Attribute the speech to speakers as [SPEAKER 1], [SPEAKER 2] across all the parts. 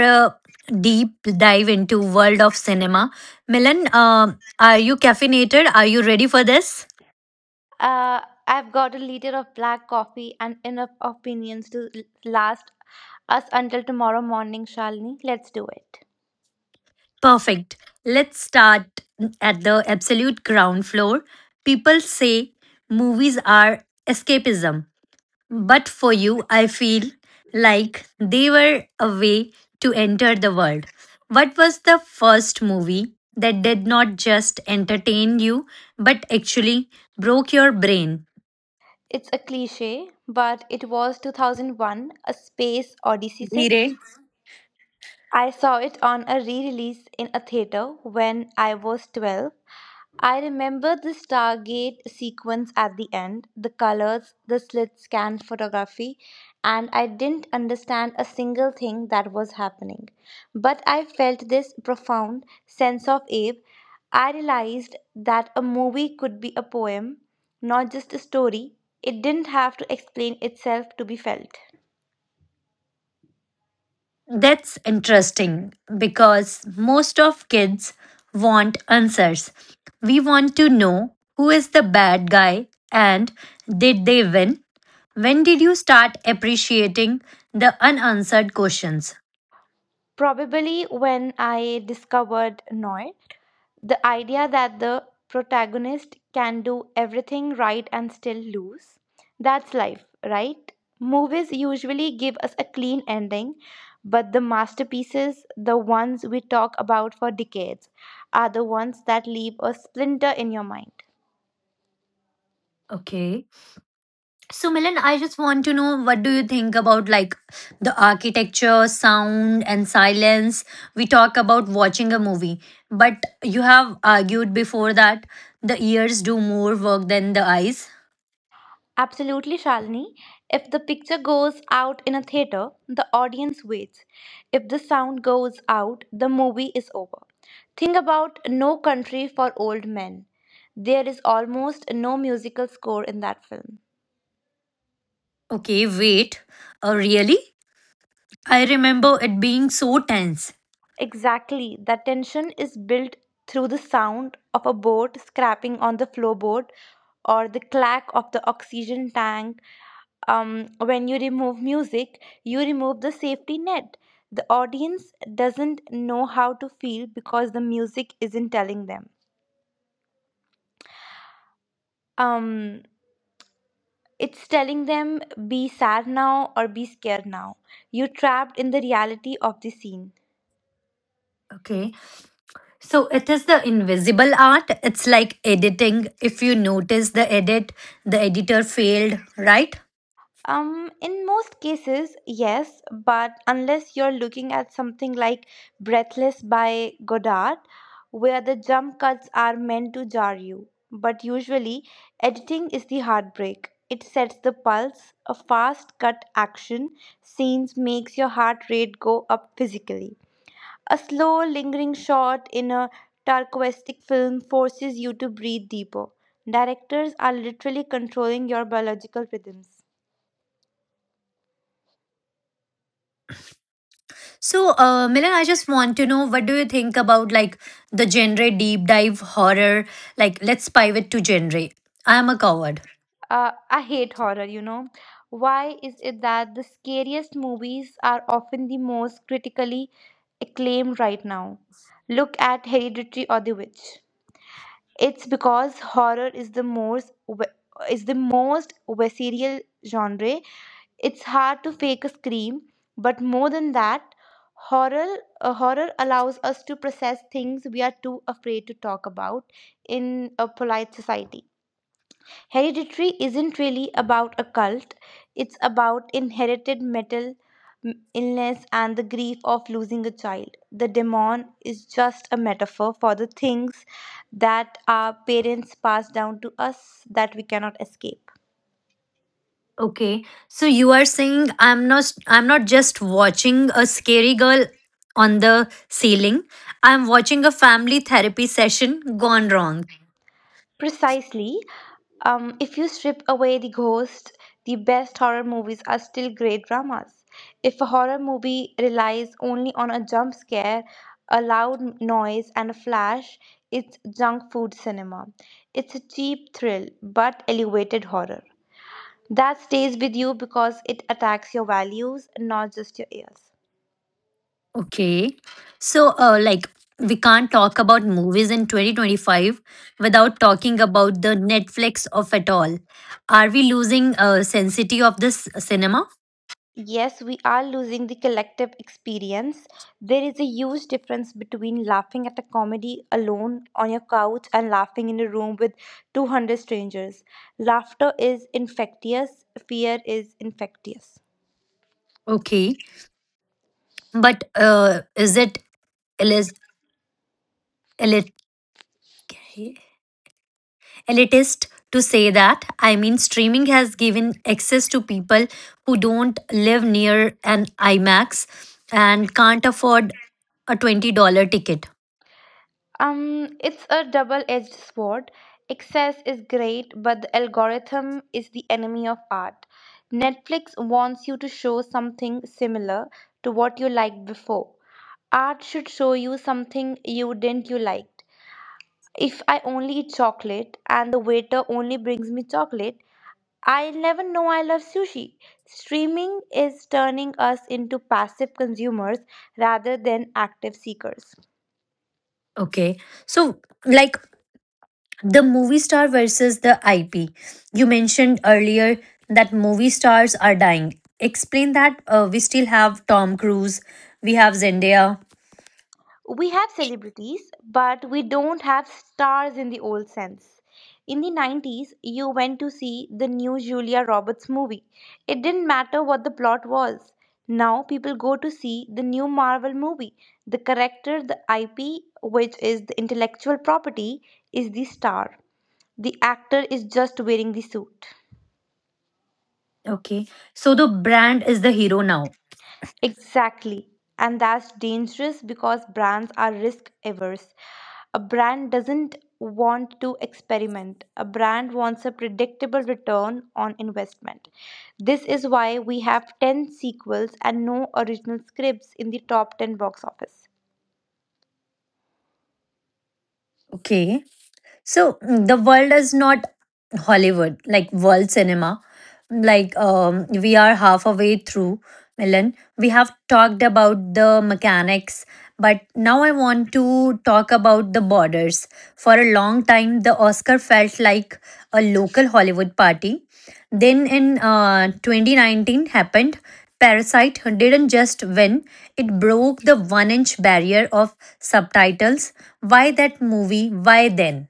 [SPEAKER 1] a deep dive into world of cinema. Milan, are you caffeinated? Are you ready for this?
[SPEAKER 2] Uh, I've got a liter of black coffee and enough opinions to last us until tomorrow morning, Shalini. Let's do it.
[SPEAKER 1] Perfect. Let's start at the absolute ground floor. People say movies are escapism. But for you, I feel like they were a way to enter the world. What was the first movie that did not just entertain you, but actually broke your brain?
[SPEAKER 2] It's a cliche, but it was 2001 A Space Odyssey, से
[SPEAKER 1] Dhire.
[SPEAKER 2] I saw it on a re release in a theater when I was 12. I remember the Stargate sequence at the end, the colors, the slit scan photography, and I didn't understand a single thing that was happening. But I felt this profound sense of awe. I realized that a movie could be a poem, not just a story. It didn't have to explain itself to be felt.
[SPEAKER 1] That's interesting because most of kids want answers. We want to know who is the bad guy and did they win? When did you start appreciating the unanswered questions?
[SPEAKER 2] Probably when I discovered Noir. The idea that the protagonist can do everything right and still lose, that's life, right? Movies usually give us a clean ending, but the masterpieces, the ones we talk about for decades, are the ones that leave a splinter in your mind.
[SPEAKER 1] Okay. So, Milan, I just want to know what do you think about like the architecture, sound, and silence? We talk about watching a movie, but you have argued before that the ears do more work than the eyes.
[SPEAKER 2] Absolutely, Shalini. If the picture goes out in a theater, the audience waits. If the sound goes out, the movie is over. Think about No Country for Old Men. There is almost no musical score in that film.
[SPEAKER 1] Okay, wait. Really? I remember it being so tense.
[SPEAKER 2] Exactly, the tension is built through the sound of a boat scraping on the floorboard or the clack of the oxygen tank. When you remove music, you remove the safety net. The audience doesn't know how to feel because the music isn't telling them. Um, it's telling them be sad now or be scared now. You're trapped in the reality of the scene.
[SPEAKER 1] Okay. So it is the invisible art. It's like editing. If you notice the edit, the editor failed, right?
[SPEAKER 2] In most cases, yes, but unless you're looking at something like Breathless by Godard, where the jump cuts are meant to jar you. But usually, editing is the heartbreak. It sets the pulse, a fast cut action scenes makes your heart rate go up physically. A slow, lingering shot in a turquoistic film forces you to breathe deeper. Directors are literally controlling your biological rhythms.
[SPEAKER 1] So, Milan, I just want to know what do you think about like the genre deep dive horror? Like, let's pivot to genre. I am a coward.
[SPEAKER 2] I hate horror. Why is it that the scariest movies are often the most critically acclaimed right now? Look at Hereditary or The Witch. It's because horror is the most visceral genre. It's hard to fake a scream, but more than that, horror horror allows us to process things we are too afraid to talk about in a polite society. Hereditary isn't really about a cult, it's about inherited mental illness and the grief of losing a child. The demon is just a metaphor for the things that our parents pass down to us that we cannot escape.
[SPEAKER 1] Okay, so you are saying I'm not just watching a scary girl on the ceiling. I'm watching a family therapy session gone wrong.
[SPEAKER 2] Precisely. If you strip away the ghost, the best horror movies are still great dramas. If a horror movie relies only on a jump scare, a loud noise, and a flash, it's junk food cinema. It's a cheap thrill, but elevated horror. That stays with you because it attacks your values, not just your ears.
[SPEAKER 1] Okay. So, like, we can't talk about movies in 2025 without talking about the Netflix of it all. Are we losing sensitivity of this cinema?
[SPEAKER 2] Yes, we are losing the collective experience. There is a huge difference between laughing at a comedy alone on your couch and laughing in a room with 200 strangers. Laughter is infectious, fear is infectious.
[SPEAKER 1] Okay. But is it elis- elit- elitist to say that? I mean, streaming has given access to people who don't live near an IMAX and can't afford a $20 ticket.
[SPEAKER 2] It's a double edged sword. Excess is great, but the algorithm is the enemy of art. Netflix wants you to show something similar to what you liked before. Art should show you something you didn't you like. If I only eat chocolate and the waiter only brings me chocolate, I'll never know I love sushi. Streaming is turning us into passive consumers rather than active seekers.
[SPEAKER 1] Okay. So, like, the movie star versus the IP. You mentioned earlier that movie stars are dying. Explain that we still have Tom Cruise, we have Zendaya.
[SPEAKER 2] We have celebrities, but we don't have stars in the old sense. In the 90s, you went to see the new Julia Roberts movie. It didn't matter what the plot was. Now people go to see the new Marvel movie. The character, the IP, which is the intellectual property, is the star. The actor is just wearing the suit.
[SPEAKER 1] Okay. So the brand is the hero now.
[SPEAKER 2] Exactly. And that's dangerous because brands are risk averse. A brand doesn't want to experiment, a brand wants a predictable return on investment. This is why we have 10 sequels and no original scripts in the top 10 box office.
[SPEAKER 1] Okay. So the world is not Hollywood, like world cinema. Like we are halfway through, Milan. We have talked about the mechanics, but now I want to talk about the borders. For a long time, the Oscar felt like a local Hollywood party. Then in 2019 happened. Parasite didn't just win, it broke the 1 inch barrier of subtitles. Why that movie? Why then?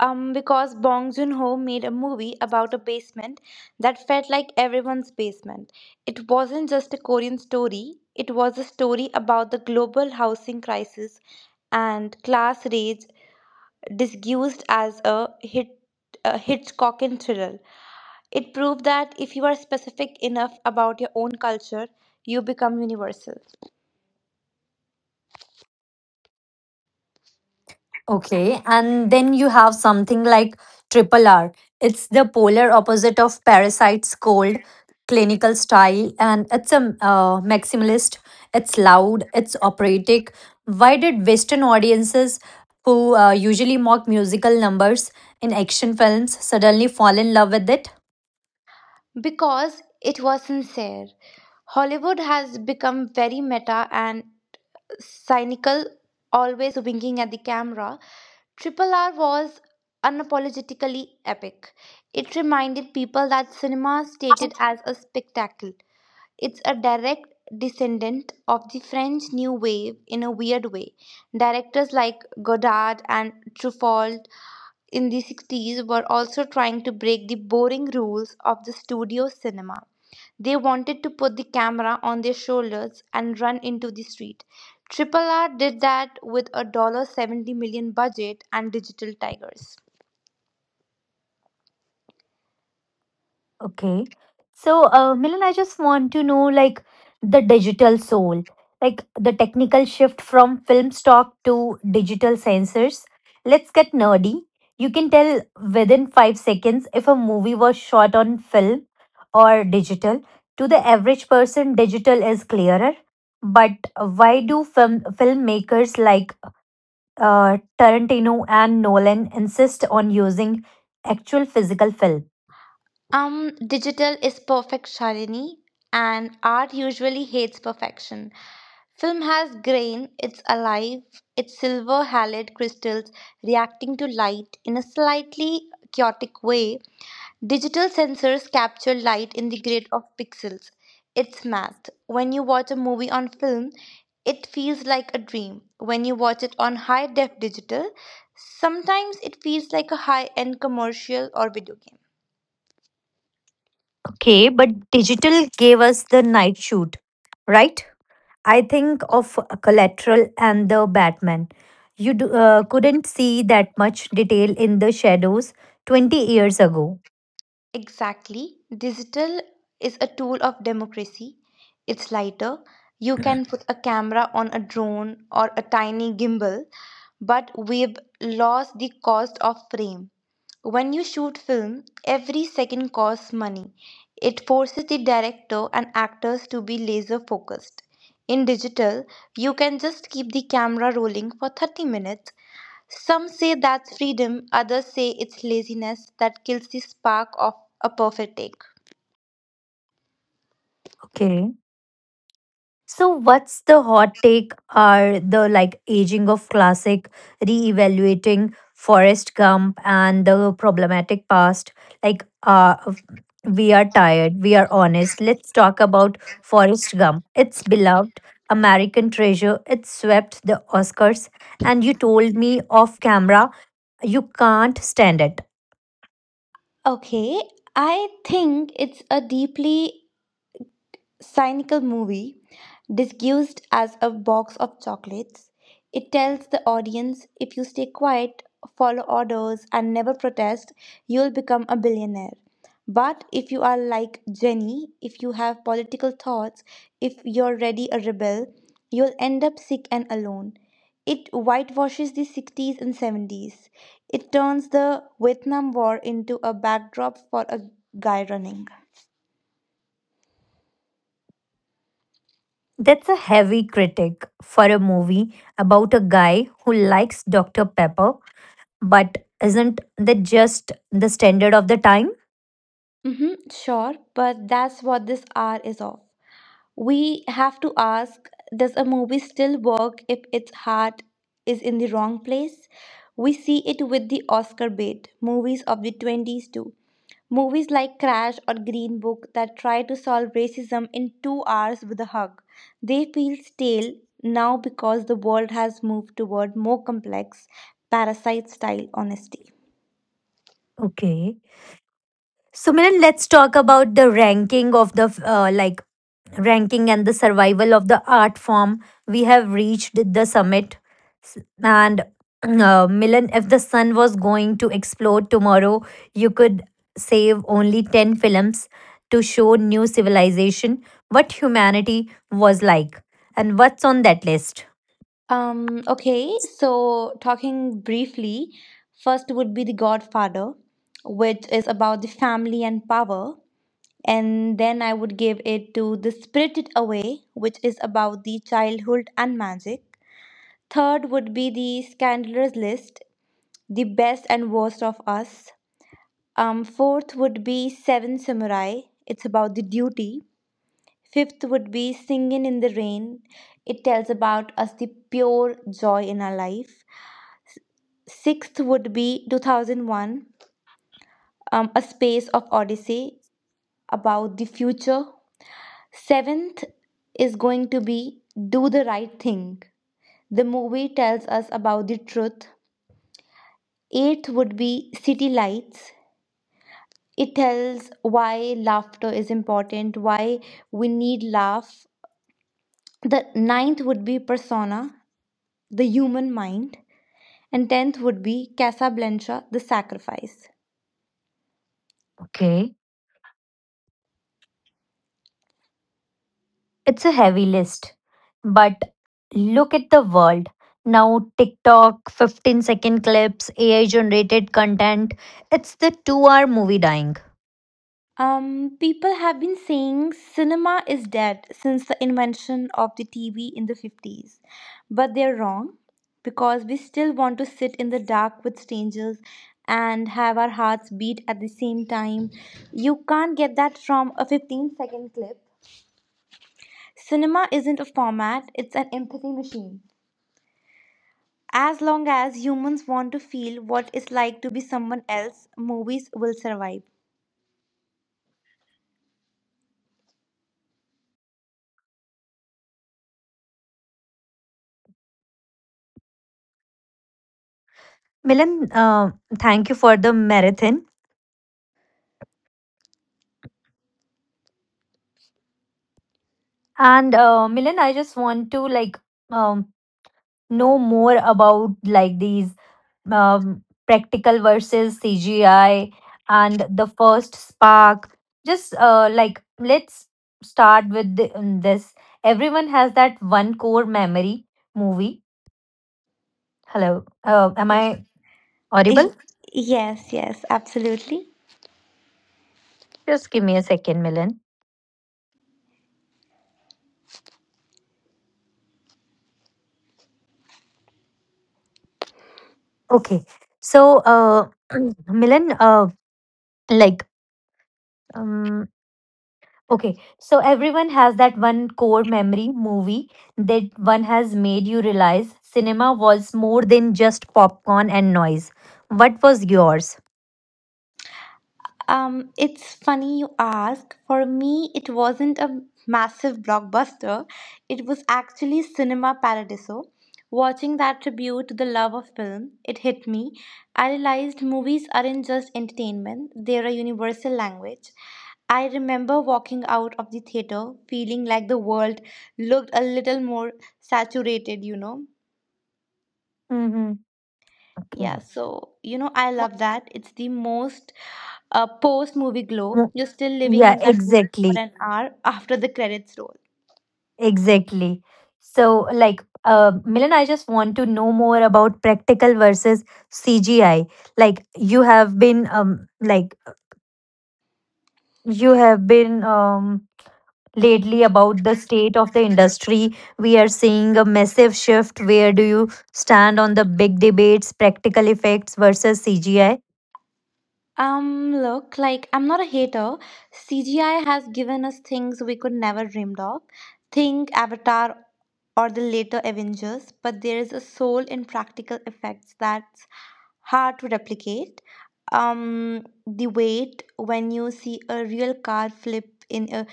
[SPEAKER 2] Because Bong Joon Ho made a movie about a basement that felt like everyone's basement. It wasn't just a Korean story, it was a story about the global housing crisis and class reads disguised as a Hitchcockian thriller. It proved that if you are specific enough about your own culture, you become universal.
[SPEAKER 1] Okay, and then you have something like Triple R. It's the polar opposite of Parasite's cold clinical style, and it's a maximalist. It's loud. It's operatic. Why did Western audiences, who usually mock musical numbers in action films, suddenly fall in love with it?
[SPEAKER 2] Because it was sincere. Hollywood has become very meta and cynical, always winking at the camera. Triple R was unapologetically epic. It reminded people that cinema stated as a spectacle. It's a direct descendant of the French New Wave in a weird way. Directors like Godard and Truffaut in the 60s were also trying to break the boring rules of the studio cinema. They wanted to put the camera on their shoulders and run into the street. Triple R did that with a $1 $70 million budget and digital tigers.
[SPEAKER 1] Okay. So, Milan, I just want to know like the digital soul, like the technical shift from film stock to digital sensors. Let's get nerdy. You can tell within 5 seconds if a movie was shot on film or digital. To the average person, digital is clearer. But why do filmmakers like Tarantino and Nolan insist on using actual physical film?
[SPEAKER 2] Digital is perfect, Shalini, and art usually hates perfection. Film has grain, it's alive, it's silver halide crystals reacting to light in a slightly chaotic way. Digital sensors capture light in the grid of pixels. It's math. When you watch a movie on film, it feels like a dream. When you watch it on high def digital, sometimes it feels like a high end commercial or video game.
[SPEAKER 1] Okay, but digital gave us the night shoot, right? I think of Collateral and the Batman. You do, couldn't see that much detail in the shadows 20 years ago.
[SPEAKER 2] Exactly. Digital is a tool of democracy. It's lighter. You can put a camera on a drone or a tiny gimbal, but we've lost the cost of frame. When you shoot film, every second costs money. It forces the director and actors to be laser focused. In digital, you can just keep the camera rolling for 30 minutes. Some say that's freedom, others say it's laziness that kills the spark of a perfect take.
[SPEAKER 1] Okay. So what's the hot take are the like aging of classic, reevaluating evaluating Forrest Gump and the problematic past. Like we are tired, we are honest. Let's talk about Forrest Gump. It's beloved American treasure. It swept the Oscars and you told me off camera you can't stand it.
[SPEAKER 2] Okay, I think it's a deeply cynical movie disguised as a box of chocolates. It tells the audience if you stay quiet, follow orders, and never protest, you'll become a billionaire. But if you are like Jenny, if you have political thoughts, if you're ready a rebel, you'll end up sick and alone. It whitewashes the 60s and 70s. It turns the Vietnam War into a backdrop for a guy running.
[SPEAKER 1] That's a heavy critic for a movie about a guy who likes Dr. Pepper. But isn't that just the standard of the time?
[SPEAKER 2] Mm-hmm, sure, but that's what this hour is of. We have to ask, does a movie still work if its heart is in the wrong place? We see it with the Oscar bait, movies of the 20s too. Movies like Crash or Green Book that try to solve racism in 2 hours with a hug. They feel stale now because the world has moved toward more complex, parasite style honesty.
[SPEAKER 1] Okay. So, Miran, let's talk about the ranking of the like ranking and the survival of the art form. We have reached the summit, S- and Milan, if the sun was going to explode tomorrow, you could save only 10 films to show new civilization what humanity was like, and what's on that list.
[SPEAKER 2] Okay, so talking briefly, first would be The Godfather, which is about the family and power. And then I would give it to The Spirited Away, which is about the childhood and magic. Third would be The Scandalous List, The Best and Worst of Us. Fourth would be Seven Samurai, it's about the duty. Fifth would be Singing in the Rain, it tells about us the pure joy in our life. Sixth would be 2001, A Space of Odyssey about the future. Seventh is going to be Do the Right Thing. The movie tells us about the truth. Eighth would be City Lights. It tells why laughter is important, why we need laugh. The ninth would be Persona, the human mind. And tenth would be Casablanca, the sacrifice.
[SPEAKER 1] Okay. It's a heavy list, but look at the world. Now, TikTok, 15 second clips, AI generated content. It's the 2 hour movie dying.
[SPEAKER 2] People have been saying cinema is dead since the invention of the TV in the 50s. But they're wrong because we still want to sit in the dark with strangers and have our hearts beat at the same time. You can't get that from a 15-second clip. Cinema isn't a format, it's an empathy machine. As long as humans want to feel what it's like to be someone else, movies will survive.
[SPEAKER 1] Milan, thank you for the marathon. And Milan, I just want to like um, know more about like these practical versus CGI and the first spark. Just like let's start with the, this. Everyone has that one core memory movie. Hello, am I
[SPEAKER 2] Yes,
[SPEAKER 1] audible?
[SPEAKER 2] yes, yes, absolutely.
[SPEAKER 1] Just give me a second, Milan. Okay, so Milan, like. um, okay, so everyone has that one core memory movie that one has made you realize cinema was more than just popcorn and noise. What was yours?
[SPEAKER 2] It's funny you ask. For me, it wasn't a massive blockbuster. It was actually Cinema Paradiso. Watching that tribute to the love of film, it hit me. I realized movies aren't just entertainment, they're a universal language. I remember walking out of the theater feeling like the world looked a little more saturated.
[SPEAKER 1] Mm-hmm.
[SPEAKER 2] Yeah,
[SPEAKER 1] Okay.
[SPEAKER 2] so I love that. It's the most post movie glow.
[SPEAKER 1] Mm,
[SPEAKER 2] You're still living
[SPEAKER 1] yeah,
[SPEAKER 2] in that world for
[SPEAKER 1] exactly.
[SPEAKER 2] an hour after the credits roll.
[SPEAKER 1] Exactly. So, like, Milan, I just want to know more about practical versus CGI. Like, you have been, lately about the state of the industry. We are seeing a massive shift. Where do you stand on the big debates, practical effects versus CGI?
[SPEAKER 2] Look, like I'm not a hater. CGI has given us things we could never dreamed of. Think Avatar or the later Avengers, but there is a soul in practical effects that's hard to replicate. The weight when you see a real car flip in a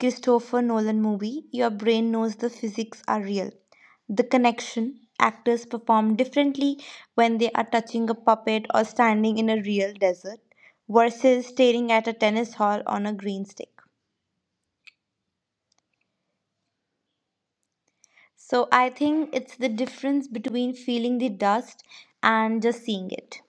[SPEAKER 2] Christopher Nolan movie, your brain knows the physics are real. The connection actors perform differently when they are touching a puppet or standing in a real desert versus staring at a tennis hall on a green stick. So I think it's the difference between feeling the dust and just seeing it.